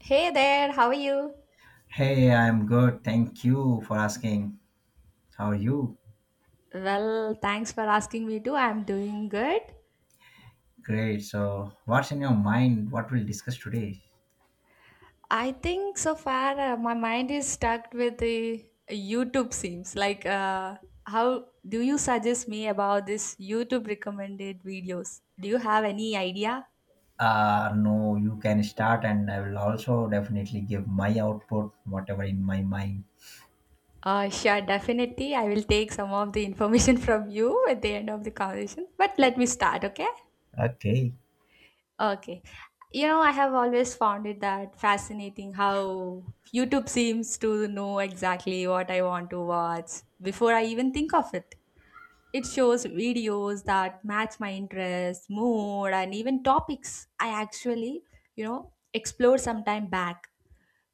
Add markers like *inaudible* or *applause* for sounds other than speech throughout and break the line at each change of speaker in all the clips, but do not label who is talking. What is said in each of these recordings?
Hey there, how are you?
Hey, I'm good. Thank you for asking. How are you?
Well, thanks for asking me too. I'm doing good.
Great. So, what's in your mind? What we'll discuss today?
I think so far my mind is stuck with the YouTube seems. Like, how do you suggest me about this YouTube recommended videos? Do you have any idea?
No, you can start, and I will also definitely give my output, whatever in my mind.
Sure, definitely. I will take some of the information *laughs* from you at the end of the conversation. But let me start, okay?
Okay.
Okay. You know, I have always found it that fascinating how YouTube seems to know exactly what I want to watch before I even think of it. It shows videos that match my interests, mood, and even topics I actually, explored some time back.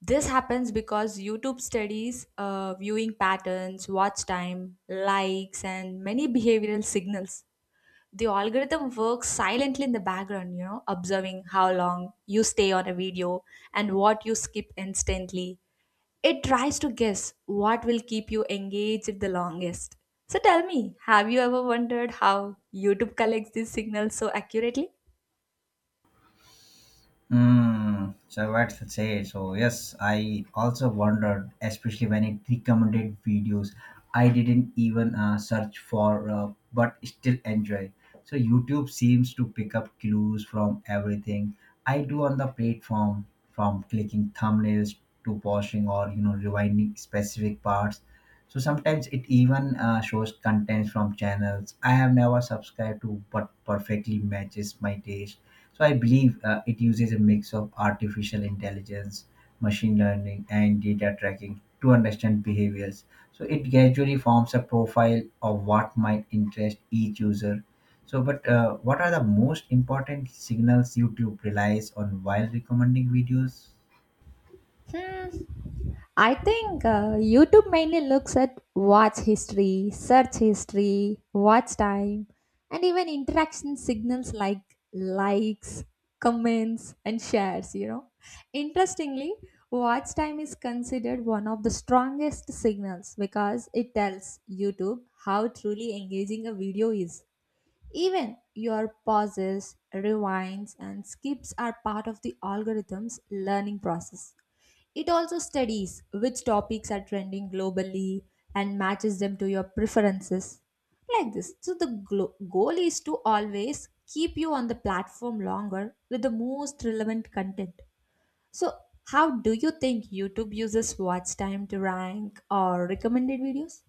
This happens because YouTube studies viewing patterns, watch time, likes, and many behavioral signals. The algorithm works silently in the background, observing how long you stay on a video and what you skip instantly. It tries to guess what will keep you engaged the longest. So tell me, have you ever wondered how YouTube collects these signals so accurately?
So what's it say? So yes, I also wondered, especially when it recommended videos I didn't even search for, but still enjoy. So YouTube seems to pick up clues from everything I do on the platform, from clicking thumbnails to pausing or rewinding specific parts. So sometimes it even shows contents from channels I have never subscribed to, but perfectly matches my taste, so I believe it uses a mix of artificial intelligence, machine learning, and data tracking to understand behaviors. So it gradually forms a profile of what might interest each user. So, but what are the most important signals YouTube relies on while recommending videos?
Hmm. I think YouTube mainly looks at watch history, search history, watch time, and even interaction signals like likes, comments, and shares. You know, interestingly, watch time is considered one of the strongest signals because it tells YouTube how truly engaging a video is. Even your pauses, rewinds, and skips are part of the algorithm's learning process. It also studies which topics are trending globally and matches them to your preferences. Like this. So, the goal is to always keep you on the platform longer with the most relevant content. So, how do you think YouTube uses watch time to rank or recommended videos?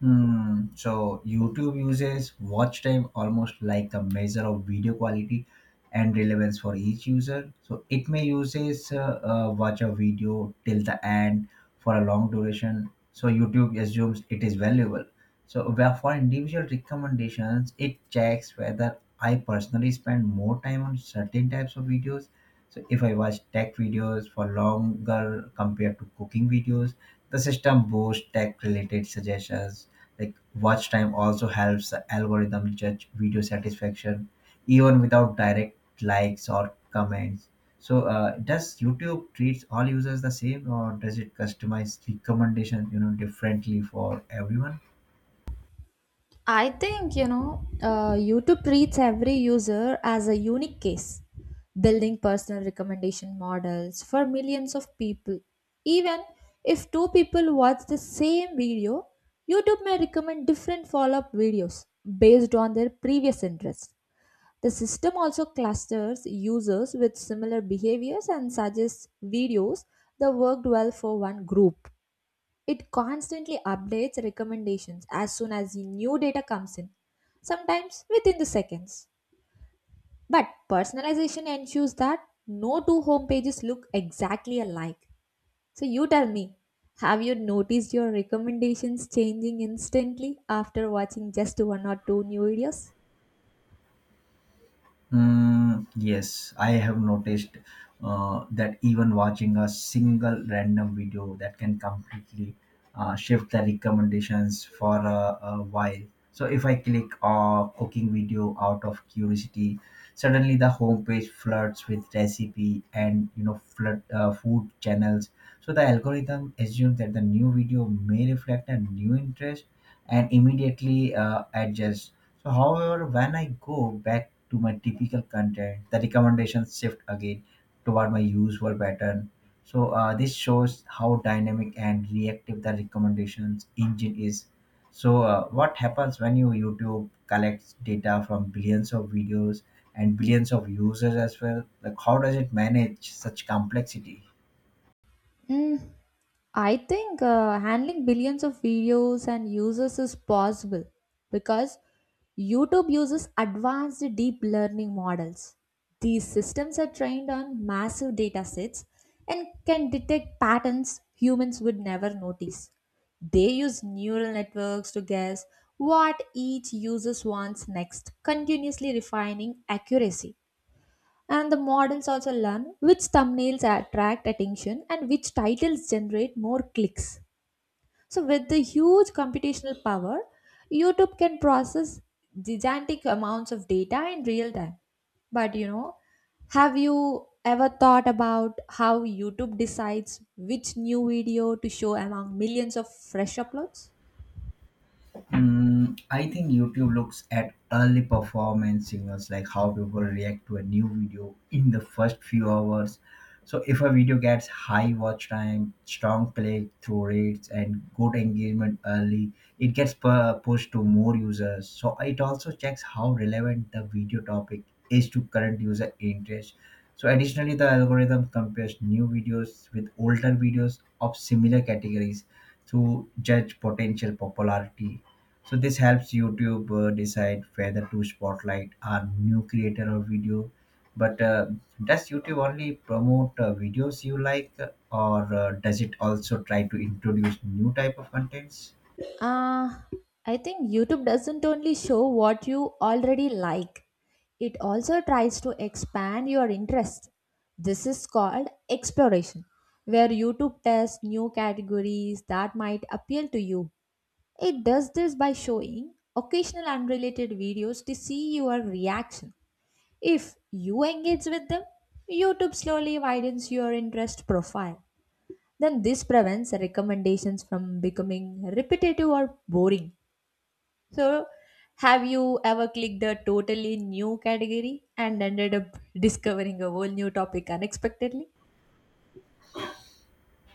Hmm. So YouTube uses watch time almost like a measure of video quality and relevance for each user. So it may uses watch a video till the end for a long duration. So YouTube assumes it is valuable. So where for individual recommendations, it checks whether I personally spend more time on certain types of videos. So if I watch tech videos for longer compared to cooking videos, the system boosts tech related suggestions like watch time also helps the algorithm judge video satisfaction even without direct likes or comments. So does YouTube treats all users the same or does it customize recommendation differently for everyone?
I think, YouTube treats every user as a unique case, building personal recommendation models for millions of people. Even if two people watch the same video, YouTube may recommend different follow up videos based on their previous interests. The system also clusters users with similar behaviors and suggests videos that worked well for one group. It constantly updates recommendations as soon as the new data comes in, sometimes within the seconds. But personalization ensures that no two home pages look exactly alike. So you tell me, have you noticed your recommendations changing instantly after watching just one or two new videos?
Mm, yes, I have noticed that even watching a single random video that can completely shift the recommendations for a while. So if I click a cooking video out of curiosity, suddenly the homepage floods with recipe and flood food channels. So the algorithm assumes that the new video may reflect a new interest and immediately adjusts. So, however, when I go back to my typical content, the recommendations shift again toward my usual pattern. So, this shows how dynamic and reactive the recommendations engine is. So, what happens when YouTube collects data from billions of videos and billions of users as well? Like, how does it manage such complexity?
Hmm. I think handling billions of videos and users is possible because YouTube uses advanced deep learning models. These systems are trained on massive data sets and can detect patterns humans would never notice. They use neural networks to guess what each user wants next, continuously refining accuracy. And the models also learn which thumbnails attract attention and which titles generate more clicks. So, with the huge computational power, YouTube can process gigantic amounts of data in real time. But you know, have you ever thought about how YouTube decides which new video to show among millions of fresh uploads?
Mm, I think YouTube looks at early performance signals, like how people react to a new video in the first few hours. So, if a video gets high watch time, strong click through rates, and good engagement early, it gets pushed to more users. So, it also checks how relevant the video topic is to current user interest. So, additionally, the algorithm compares new videos with older videos of similar categories to judge potential popularity, so this helps YouTube decide whether to spotlight a new creator or video. But does YouTube only promote videos you like, or does it also try to introduce new type of contents?
Uh, I think YouTube doesn't only show what you already like, it also tries to expand your interest. This is called exploration, where YouTube tests new categories that might appeal to you. It does this by showing occasional unrelated videos to see your reaction. If you engage with them, YouTube slowly widens your interest profile. Then this prevents recommendations from becoming repetitive or boring. So, have you ever clicked a totally new category and ended up discovering a whole new topic unexpectedly?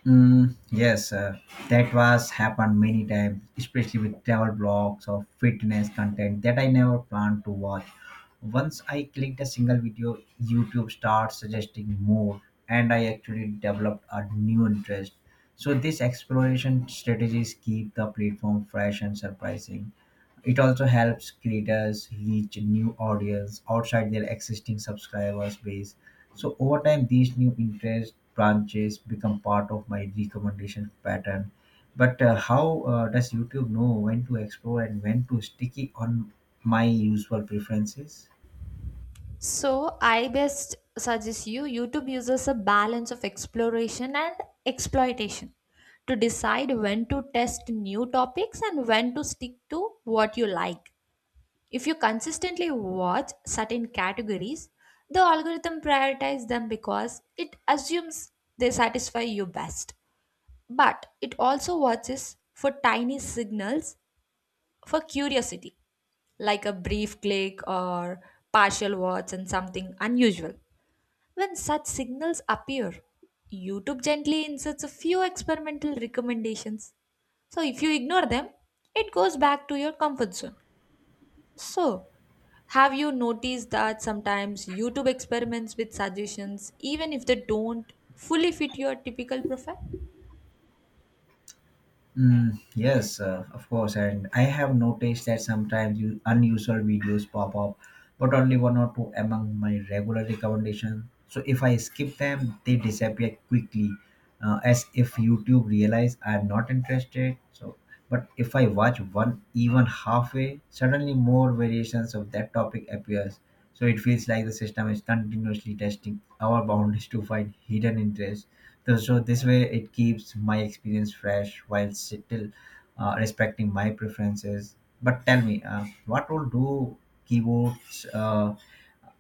Mm, yes, that was happened many times, especially with travel blogs or fitness content that I never planned to watch. Once I clicked a single video, YouTube starts suggesting more, and I actually developed a new interest. So this exploration strategies keep the platform fresh and surprising. It also helps creators reach new audience outside their existing subscribers base. So over time, these new interest branches become part of my recommendation pattern. But how does YouTube know when to explore and when to sticky on my usual preferences?
So I best suggest you YouTube uses a balance of exploration and exploitation to decide when to test new topics and when to stick to what you like. If you consistently watch certain categories, the algorithm prioritizes them because it assumes they satisfy you best. But it also watches for tiny signals for curiosity, like a brief click or partial watch and something unusual. When such signals appear, YouTube gently inserts a few experimental recommendations. So if you ignore them, it goes back to your comfort zone. So, have you noticed that sometimes YouTube experiments with suggestions even if they don't fully fit your typical profile?
Mm, yes, of course. And I have noticed that sometimes unusual videos pop up, but only one or two among my regular recommendations. So if I skip them, they disappear quickly, as if YouTube realize I'm not interested. So, but if I watch one even halfway, suddenly more variations of that topic appears. So it feels like the system is continuously testing our boundaries to find hidden interest. So this way it keeps my experience fresh while still respecting my preferences. But tell me, what role do keywords,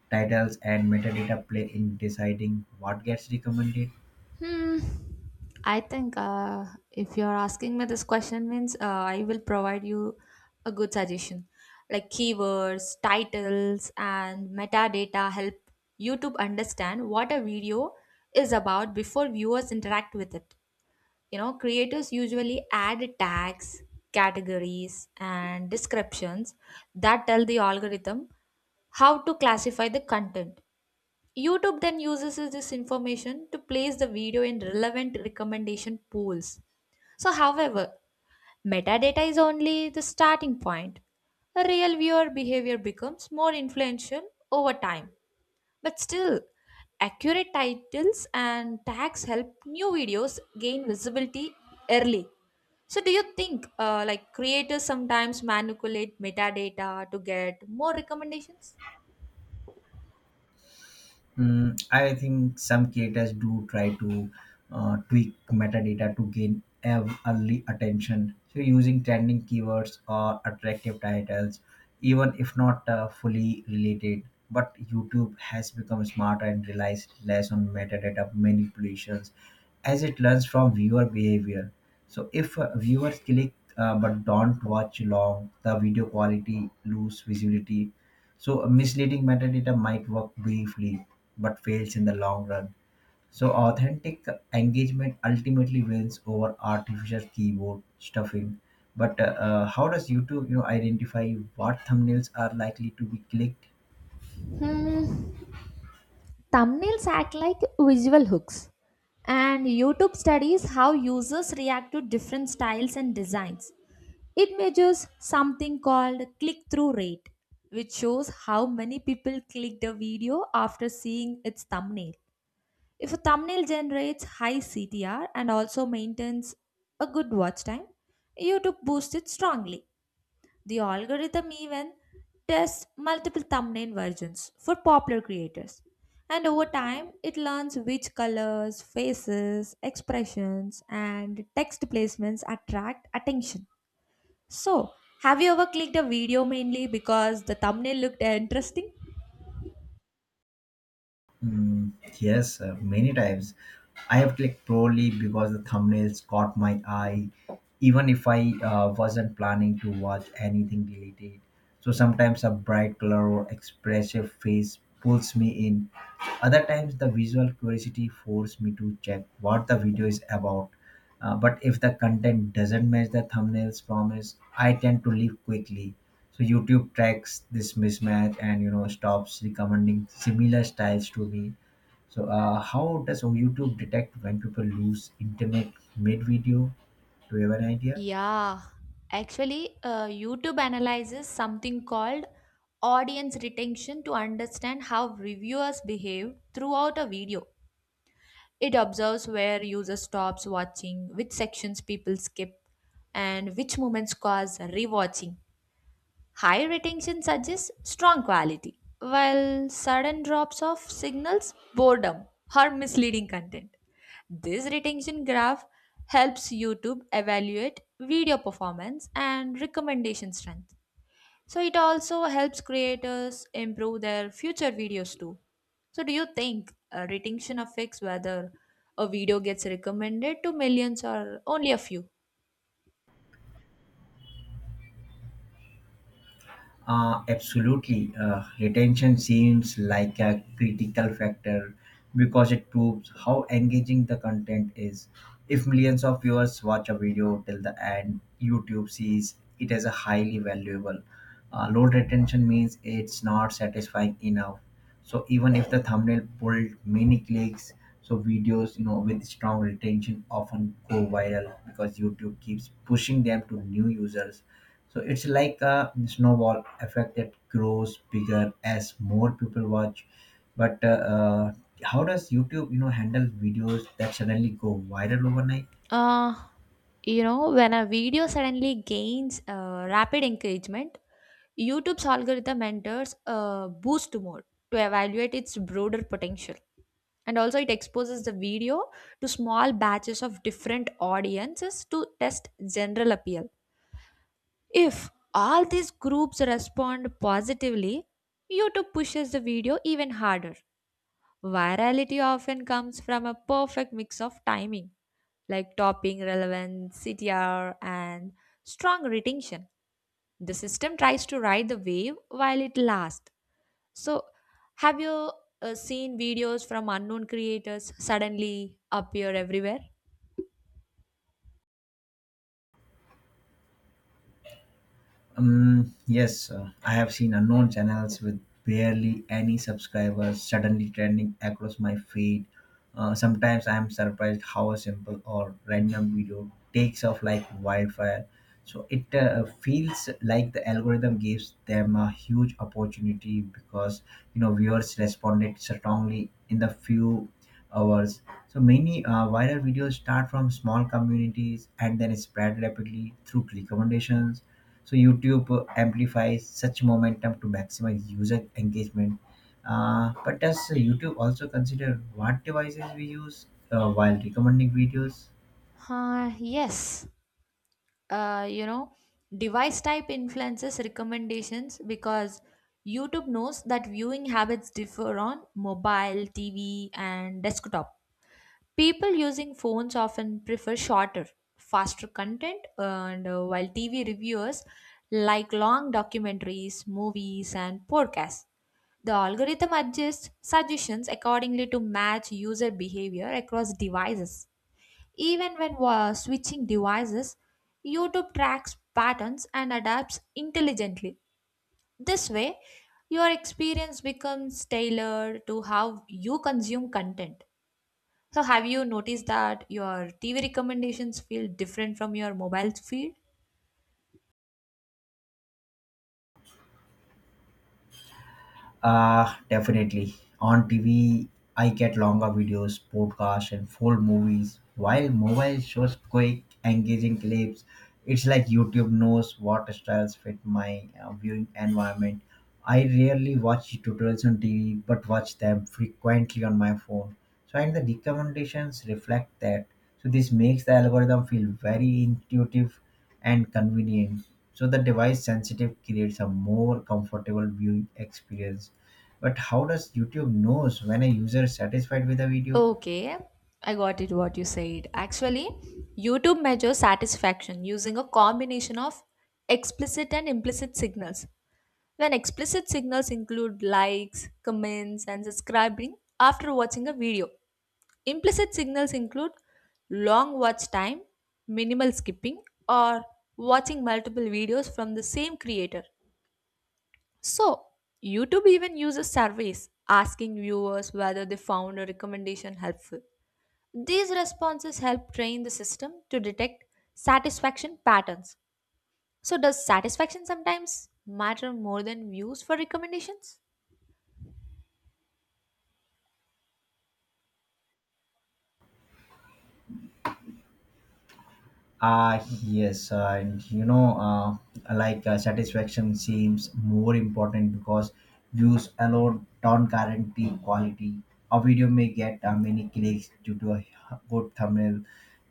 titles, and metadata play in deciding what gets recommended?
Hmm. I think, if you're asking me this question, means I will provide you a good suggestion. Like keywords, titles, and metadata help YouTube understand what a video is about before viewers interact with it. You know, creators usually add tags, categories, and descriptions that tell the algorithm how to classify the content. YouTube then uses this information to place the video in relevant recommendation pools. So, however, metadata is only the starting point. A real viewer behavior becomes more influential over time. But still, accurate titles and tags help new videos gain visibility early. So, do you think like creators sometimes manipulate metadata to get more recommendations?
Mm, I think some creators do try to tweak metadata to gain early attention. So, using trending keywords or attractive titles, even if not fully related. But YouTube has become smarter and relies less on metadata manipulations as it learns from viewer behavior. So, if viewers click but don't watch long, the video quality lose visibility, so a misleading metadata might work briefly but fails in the long run. So authentic engagement ultimately wins over artificial keyboard stuffing. But how does YouTube, identify what thumbnails are likely to be clicked?
Hmm. Thumbnails act like visual hooks, and YouTube studies how users react to different styles and designs. It measures something called click through rate, which shows how many people clicked a video after seeing its thumbnail. If a thumbnail generates high CTR and also maintains a good watch time, YouTube boosts it strongly. The algorithm even tests multiple thumbnail versions for popular creators. And over time, it learns which colors, faces, expressions, and text placements attract attention. So, have you ever clicked a video mainly because the thumbnail looked interesting?
Mm, yes, many times. I have clicked probably because the thumbnails caught my eye, even if I wasn't planning to watch anything related. So sometimes a bright color or expressive face pulls me in. Other times, the visual curiosity forces me to check what the video is about. But if the content doesn't match the thumbnail's promise, I tend to leave quickly. So YouTube tracks this mismatch and stops recommending similar styles to me. So how does YouTube detect when people lose internet mid video? Do you have an idea?
Yeah, actually, YouTube analyzes something called audience retention to understand how reviewers behave throughout a video. It observes where users stops watching, which sections people skip, and which moments cause rewatching. High retention suggests strong quality, while sudden drops of signals boredom or misleading content. This retention graph helps YouTube evaluate video performance and recommendation strength. So it also helps creators improve their future videos too. So do you think retention affects whether a video gets recommended to millions or only a few?
Absolutely. Retention seems like a critical factor because it proves how engaging the content is. If millions of viewers watch a video till the end, YouTube sees it as a highly valuable. Low retention means it's not satisfying enough. So even if the thumbnail pulled many clicks, so videos with strong retention often go viral because YouTube keeps pushing them to new users, so it's like a snowball effect that grows bigger as more people watch. But how does YouTube, handle videos that suddenly go viral overnight?
Uh, when a video suddenly gains rapid engagement, YouTube's algorithm enters a boost mode to evaluate its broader potential. And also, it exposes the video to small batches of different audiences to test general appeal. If all these groups respond positively, YouTube pushes the video even harder. Virality often comes from a perfect mix of timing, like topping relevance, CTR, and strong retention. The system tries to ride the wave while it lasts. So, have you seen videos from unknown creators suddenly appear everywhere?
Yes, I have seen unknown channels with barely any subscribers suddenly trending across my feed. Sometimes I am surprised how a simple or random video takes off like wildfire. So it feels like the algorithm gives them a huge opportunity because viewers responded strongly in the few hours. So many viral videos start from small communities and then spread rapidly through click recommendations, so YouTube amplifies such momentum to maximize user engagement. But does YouTube also consider what devices we use while recommending videos?
Ah, yes. uh, you know device type influences recommendations because YouTube knows that viewing habits differ on mobile, TV and desktop. People using phones often prefer shorter, faster content, and while TV reviewers like long documentaries, movies and podcasts. The algorithm adjusts suggestions accordingly to match user behavior across devices. Even when switching devices, YouTube tracks patterns and adapts intelligently. This way, your experience becomes tailored to how you consume content. So, have you noticed that your TV recommendations feel different from your mobile feed?
Definitely. On TV, I get longer videos, podcasts, and full movies, while mobile shows quick, engaging clips. It's like YouTube knows what styles fit my viewing environment. I rarely watch tutorials on TV, but watch them frequently on my phone. So, and the recommendations reflect that. So, this makes the algorithm feel very intuitive and convenient, so the device sensitive creates a more comfortable viewing experience. But how does YouTube knows when a user is satisfied with a video?
Okay, I got it what you said. Actually, YouTube measures satisfaction using a combination of explicit and implicit signals. When explicit signals include likes, comments, and subscribing after watching a video, implicit signals include long watch time, minimal skipping, or watching multiple videos from the same creator. So, YouTube even uses surveys asking viewers whether they found a recommendation helpful. These responses help train the system to detect satisfaction patterns. So, does satisfaction sometimes matter more than views for recommendations?
Ah, yes, and satisfaction seems more important because views alone don't guarantee quality. A video may get many clicks due to a good thumbnail,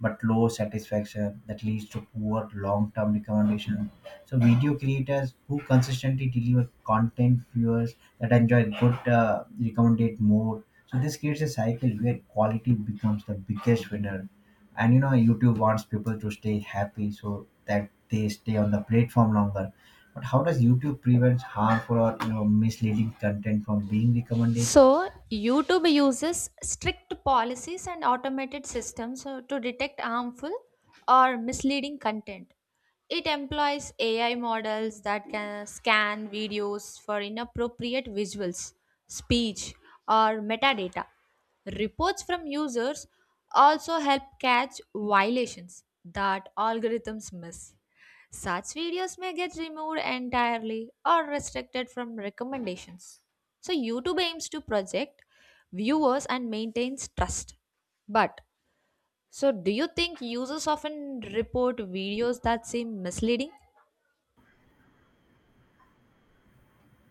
but low satisfaction that leads to poor long-term recommendation. So, video creators who consistently deliver content viewers that enjoy good recommended more. So, this creates a cycle where quality becomes the biggest winner, and YouTube wants people to stay happy so that they stay on the platform longer. But how does YouTube prevent harmful or misleading content from being recommended?
So, YouTube uses strict policies and automated systems to detect harmful or misleading content. It employs AI models that can scan videos for inappropriate visuals, speech, or metadata. Reports from users also help catch violations that algorithms miss. Such videos may get removed entirely or restricted from recommendations. So YouTube aims to project viewers and maintains trust. But so do you think users often report videos that seem misleading?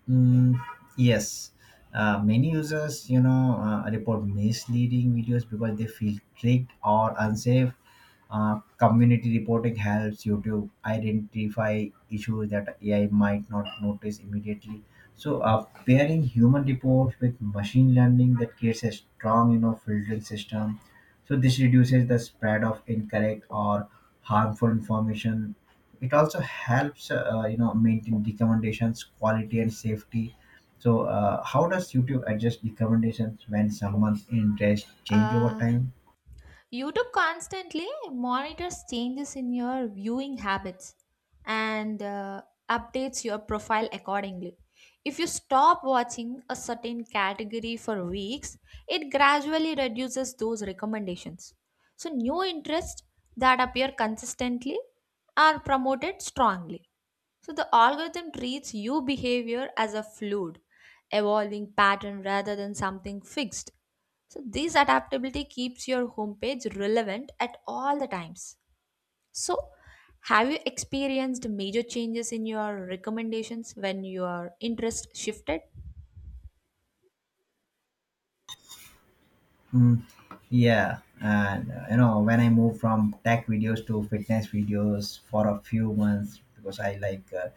Mm, yes, many users, report misleading videos because they feel tricked or unsafe. Community reporting helps YouTube identify issues that AI might not notice immediately. So, pairing human reports with machine learning that creates a strong, filtering system. So this reduces the spread of incorrect or harmful information. It also helps maintain recommendations quality and safety. So how does YouTube adjust recommendations when someone's interest change over
Uh,
time?
YouTube constantly monitors changes in your viewing habits and updates your profile accordingly. If you stop watching a certain category for weeks, it gradually reduces those recommendations. So, new interests that appear consistently are promoted strongly. So, the algorithm treats you behavior as a fluid, evolving pattern rather than something fixed. So this adaptability keeps your homepage relevant at all the times. So have you experienced major changes in your recommendations when your interest shifted?
Mm, yeah, and when I moved from tech videos to fitness videos for a few months because I like uh,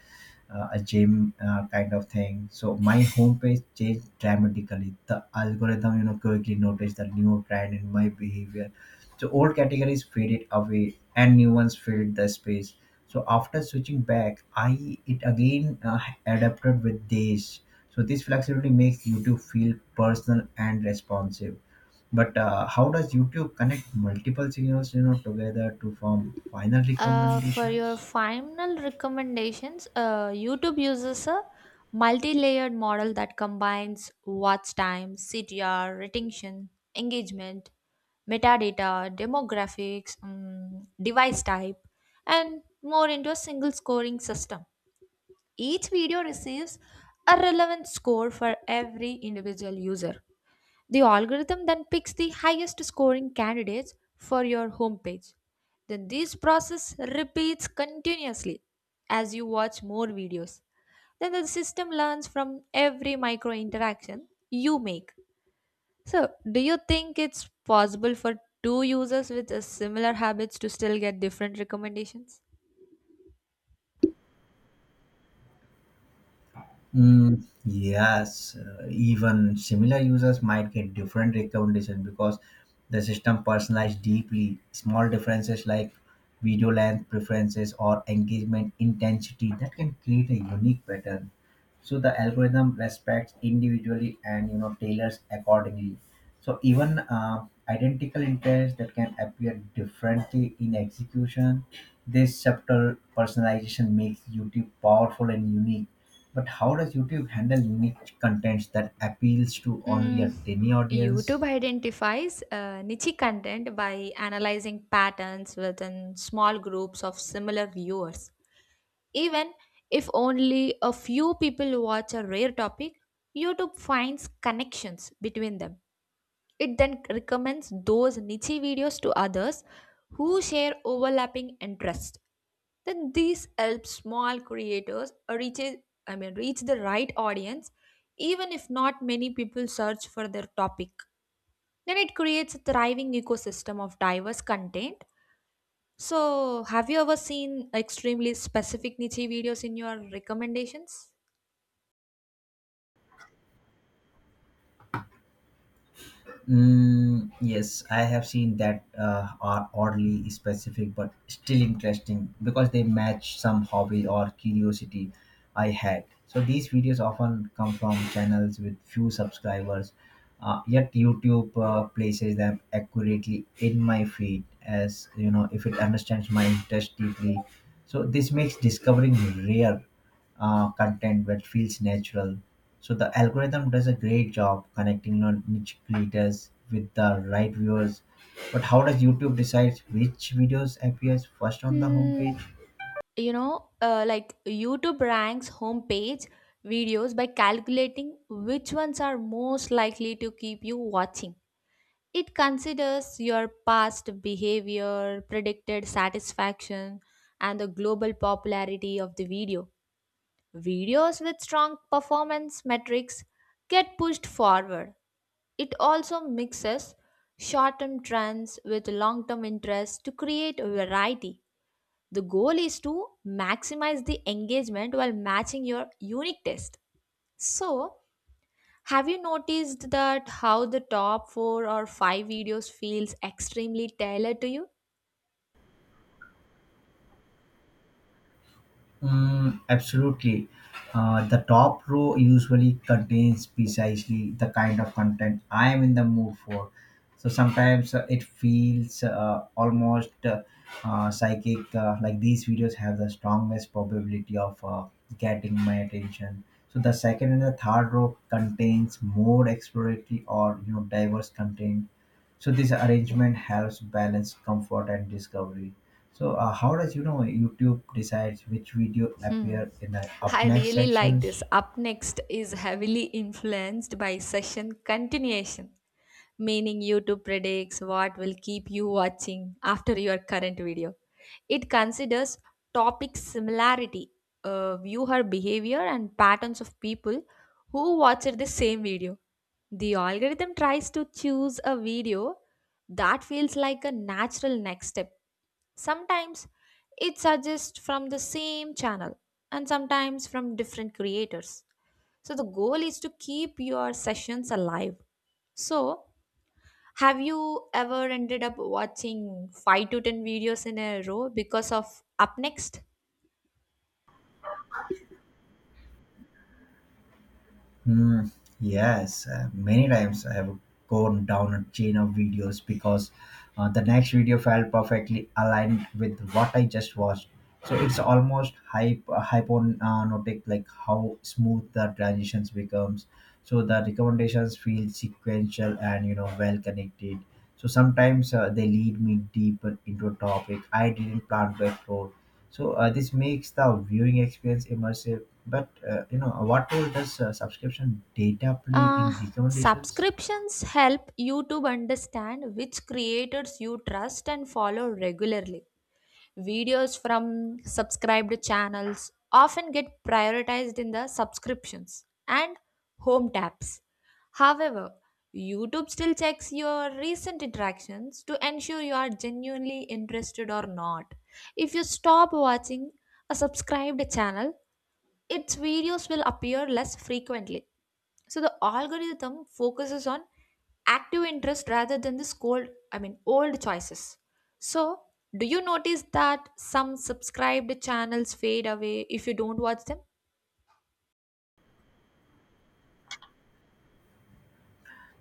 uh, a gym kind of thing. So my homepage changed dramatically. The algorithm, quickly noticed the new trend in my behavior. So old categories faded away and new ones filled the space. So after switching back, I it again adapted with days. So this flexibility makes YouTube feel personal and responsive. But how does YouTube connect multiple signals, together to form final
For your
recommendations?
final recommendations, YouTube uses a multi-layered model that combines watch time, CTR, retention, engagement, metadata, demographics, device type, and more into a single scoring system. Each video receives a relevant score for every individual user. The algorithm then picks the highest scoring candidates for your homepage. Then this process repeats continuously as you watch more videos. Then the system learns from every micro interaction you make. So, do you think it's possible for two users with a similar habits to still get different recommendations?
Mm, yes, even similar users might get different recommendations because the system personalized deeply. Small differences like video length preferences or engagement intensity that can create a unique pattern. So the algorithm respects individually and tailors accordingly. So even identical interests that can appear differently in execution, this subtle personalization makes YouTube powerful and unique. But how does YouTube handle niche content that appeals to only a
Mm,
tiny audience?
YouTube identifies niche content by analyzing patterns within small groups of similar viewers. Even if only a few people watch a rare topic, YouTube finds connections between them. It then recommends those niche videos to others who share overlapping interests. Then these help small creators reach the right audience, even if not many people search for their topic. Then it creates a thriving ecosystem of diverse content. So, have you ever seen extremely specific niche videos in your recommendations?
Mm, yes, I have seen that are oddly specific but still interesting because they match some hobby or curiosity I had. So these videos often come from channels with few subscribers, yet YouTube places them accurately in my feed as if it understands my interest deeply. So this makes discovering rare content that feels natural. So the algorithm does a great job connecting niche creators with the right viewers. But how does YouTube decide which videos appears first on the
Hmm.
homepage?
Like, YouTube ranks homepage videos by calculating which ones are most likely to keep you watching. It considers your past behavior, predicted satisfaction, and the global popularity of the video. Videos with strong performance metrics get pushed forward. It also mixes short term trends with long term interests to create variety. The goal is to maximize the engagement while matching your unique taste. So, have you noticed that how the top 4 or 5 videos feels extremely tailored to you?
Mm, absolutely. The top row usually contains precisely the kind of content I am in the mood for. So sometimes it feels almost psychic, like these videos have the strongest probability of getting my attention. So the second and the third row contains more exploratory or diverse content. So this arrangement helps balance comfort and discovery. So how does YouTube decides which video
Hmm.
appear in the up
I
next
really like this.
sections?
Up next is heavily influenced by session continuation, meaning YouTube predicts what will keep you watching after your current video. It considers topic similarity, viewer behavior, and patterns of people who watched the same video. The algorithm tries to choose a video that feels like a natural next step. Sometimes it suggests from the same channel and sometimes from different creators. So the goal is to keep your sessions alive. So have you ever ended up watching 5 to 10 videos in a row because of Up Next?
Hmm. Yes, many times I have gone down a chain of videos because the next video felt perfectly aligned with what I just watched. So it's almost hypnotic, like how smooth the transitions becomes. So the recommendations feel sequential and well connected. So sometimes they lead me deeper into a topic I didn't plan to explore, so this makes the viewing experience immersive. But what role does subscription data play
Uh,
in recommendations?
subscriptions help you to understand which creators you trust and follow regularly. Videos from subscribed channels often get prioritized in the subscriptions and home tabs. However, YouTube still checks your recent interactions to ensure you are genuinely interested or not. If you stop watching a subscribed channel, its videos will appear less frequently. So the algorithm focuses on active interest rather than the old choices. So do you notice that some subscribed channels fade away if you don't watch them?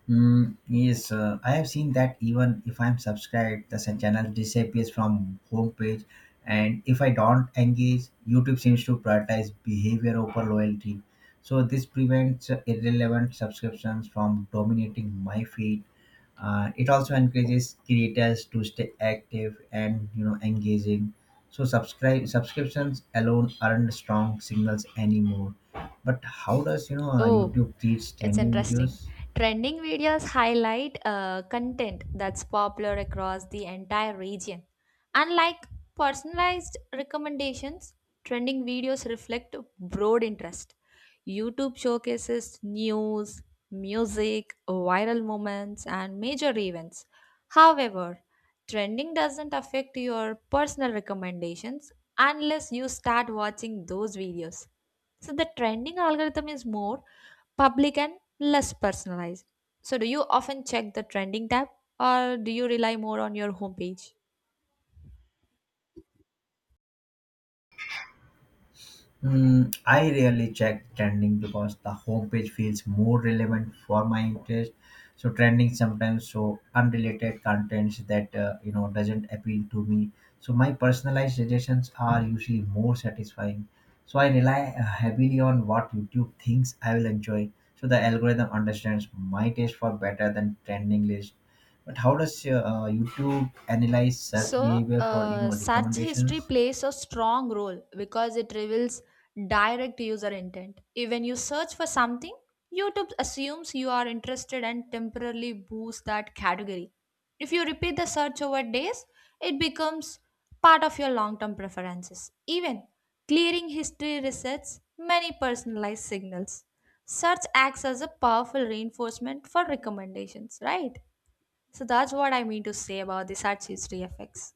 Mm, yes, I have seen that even if I'm subscribed, the channel disappears from homepage, and if I don't engage, YouTube seems to prioritize behavior over loyalty. So this prevents irrelevant subscriptions from dominating my feed. It also encourages creators to stay active and engaging. So subscribe subscriptions alone aren't strong signals anymore. But how does
Oh,
YouTube treat
it's
trending
interesting.
videos?
Trending videos highlight content that's popular across the entire region. Unlike personalized recommendations, trending videos reflect broad interest. YouTube showcases news, music, viral moments, and major events. However, trending doesn't affect your personal recommendations unless you start watching those videos. So the trending algorithm is more public and less personalized. So do you often check the trending tab or do you rely more on your homepage?
Mm, I rarely check trending because the homepage feels more relevant for my interest. So trending sometimes show unrelated contents that doesn't appeal to me. So my personalized suggestions are usually more satisfying. So I rely heavily on what YouTube thinks I will enjoy. So the algorithm understands my taste for better than trending list. But how does YouTube analyze search
So,
behavior for
search history
recommendations?
plays a strong role because it reveals direct user intent. When you search for something, YouTube assumes you are interested and temporarily boosts that category. If you repeat the search over days, it becomes part of your long term preferences. Even clearing history resets many personalized signals. Search acts as a powerful reinforcement for recommendations, right? So, that's what I mean to say about the search history effects.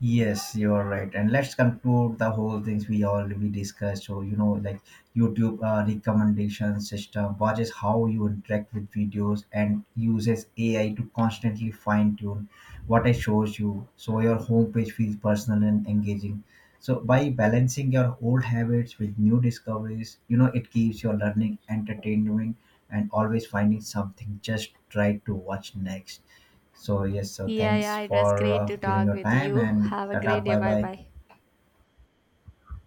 Yes, you are right. And let's conclude the whole things we already discussed. So, you know, like YouTube recommendation system watches how you interact with videos and uses AI to constantly fine tune what it shows you. So your homepage feels personal and engaging. So by balancing your old habits with new discoveries, it keeps your learning entertaining and always finding something just try to watch next. So yes, so
Yeah,
thanks
yeah, it was
for
great to
giving
talk
your
with
time
you.
and
Have a
tata.
great day.
Bye
Bye
bye.
bye.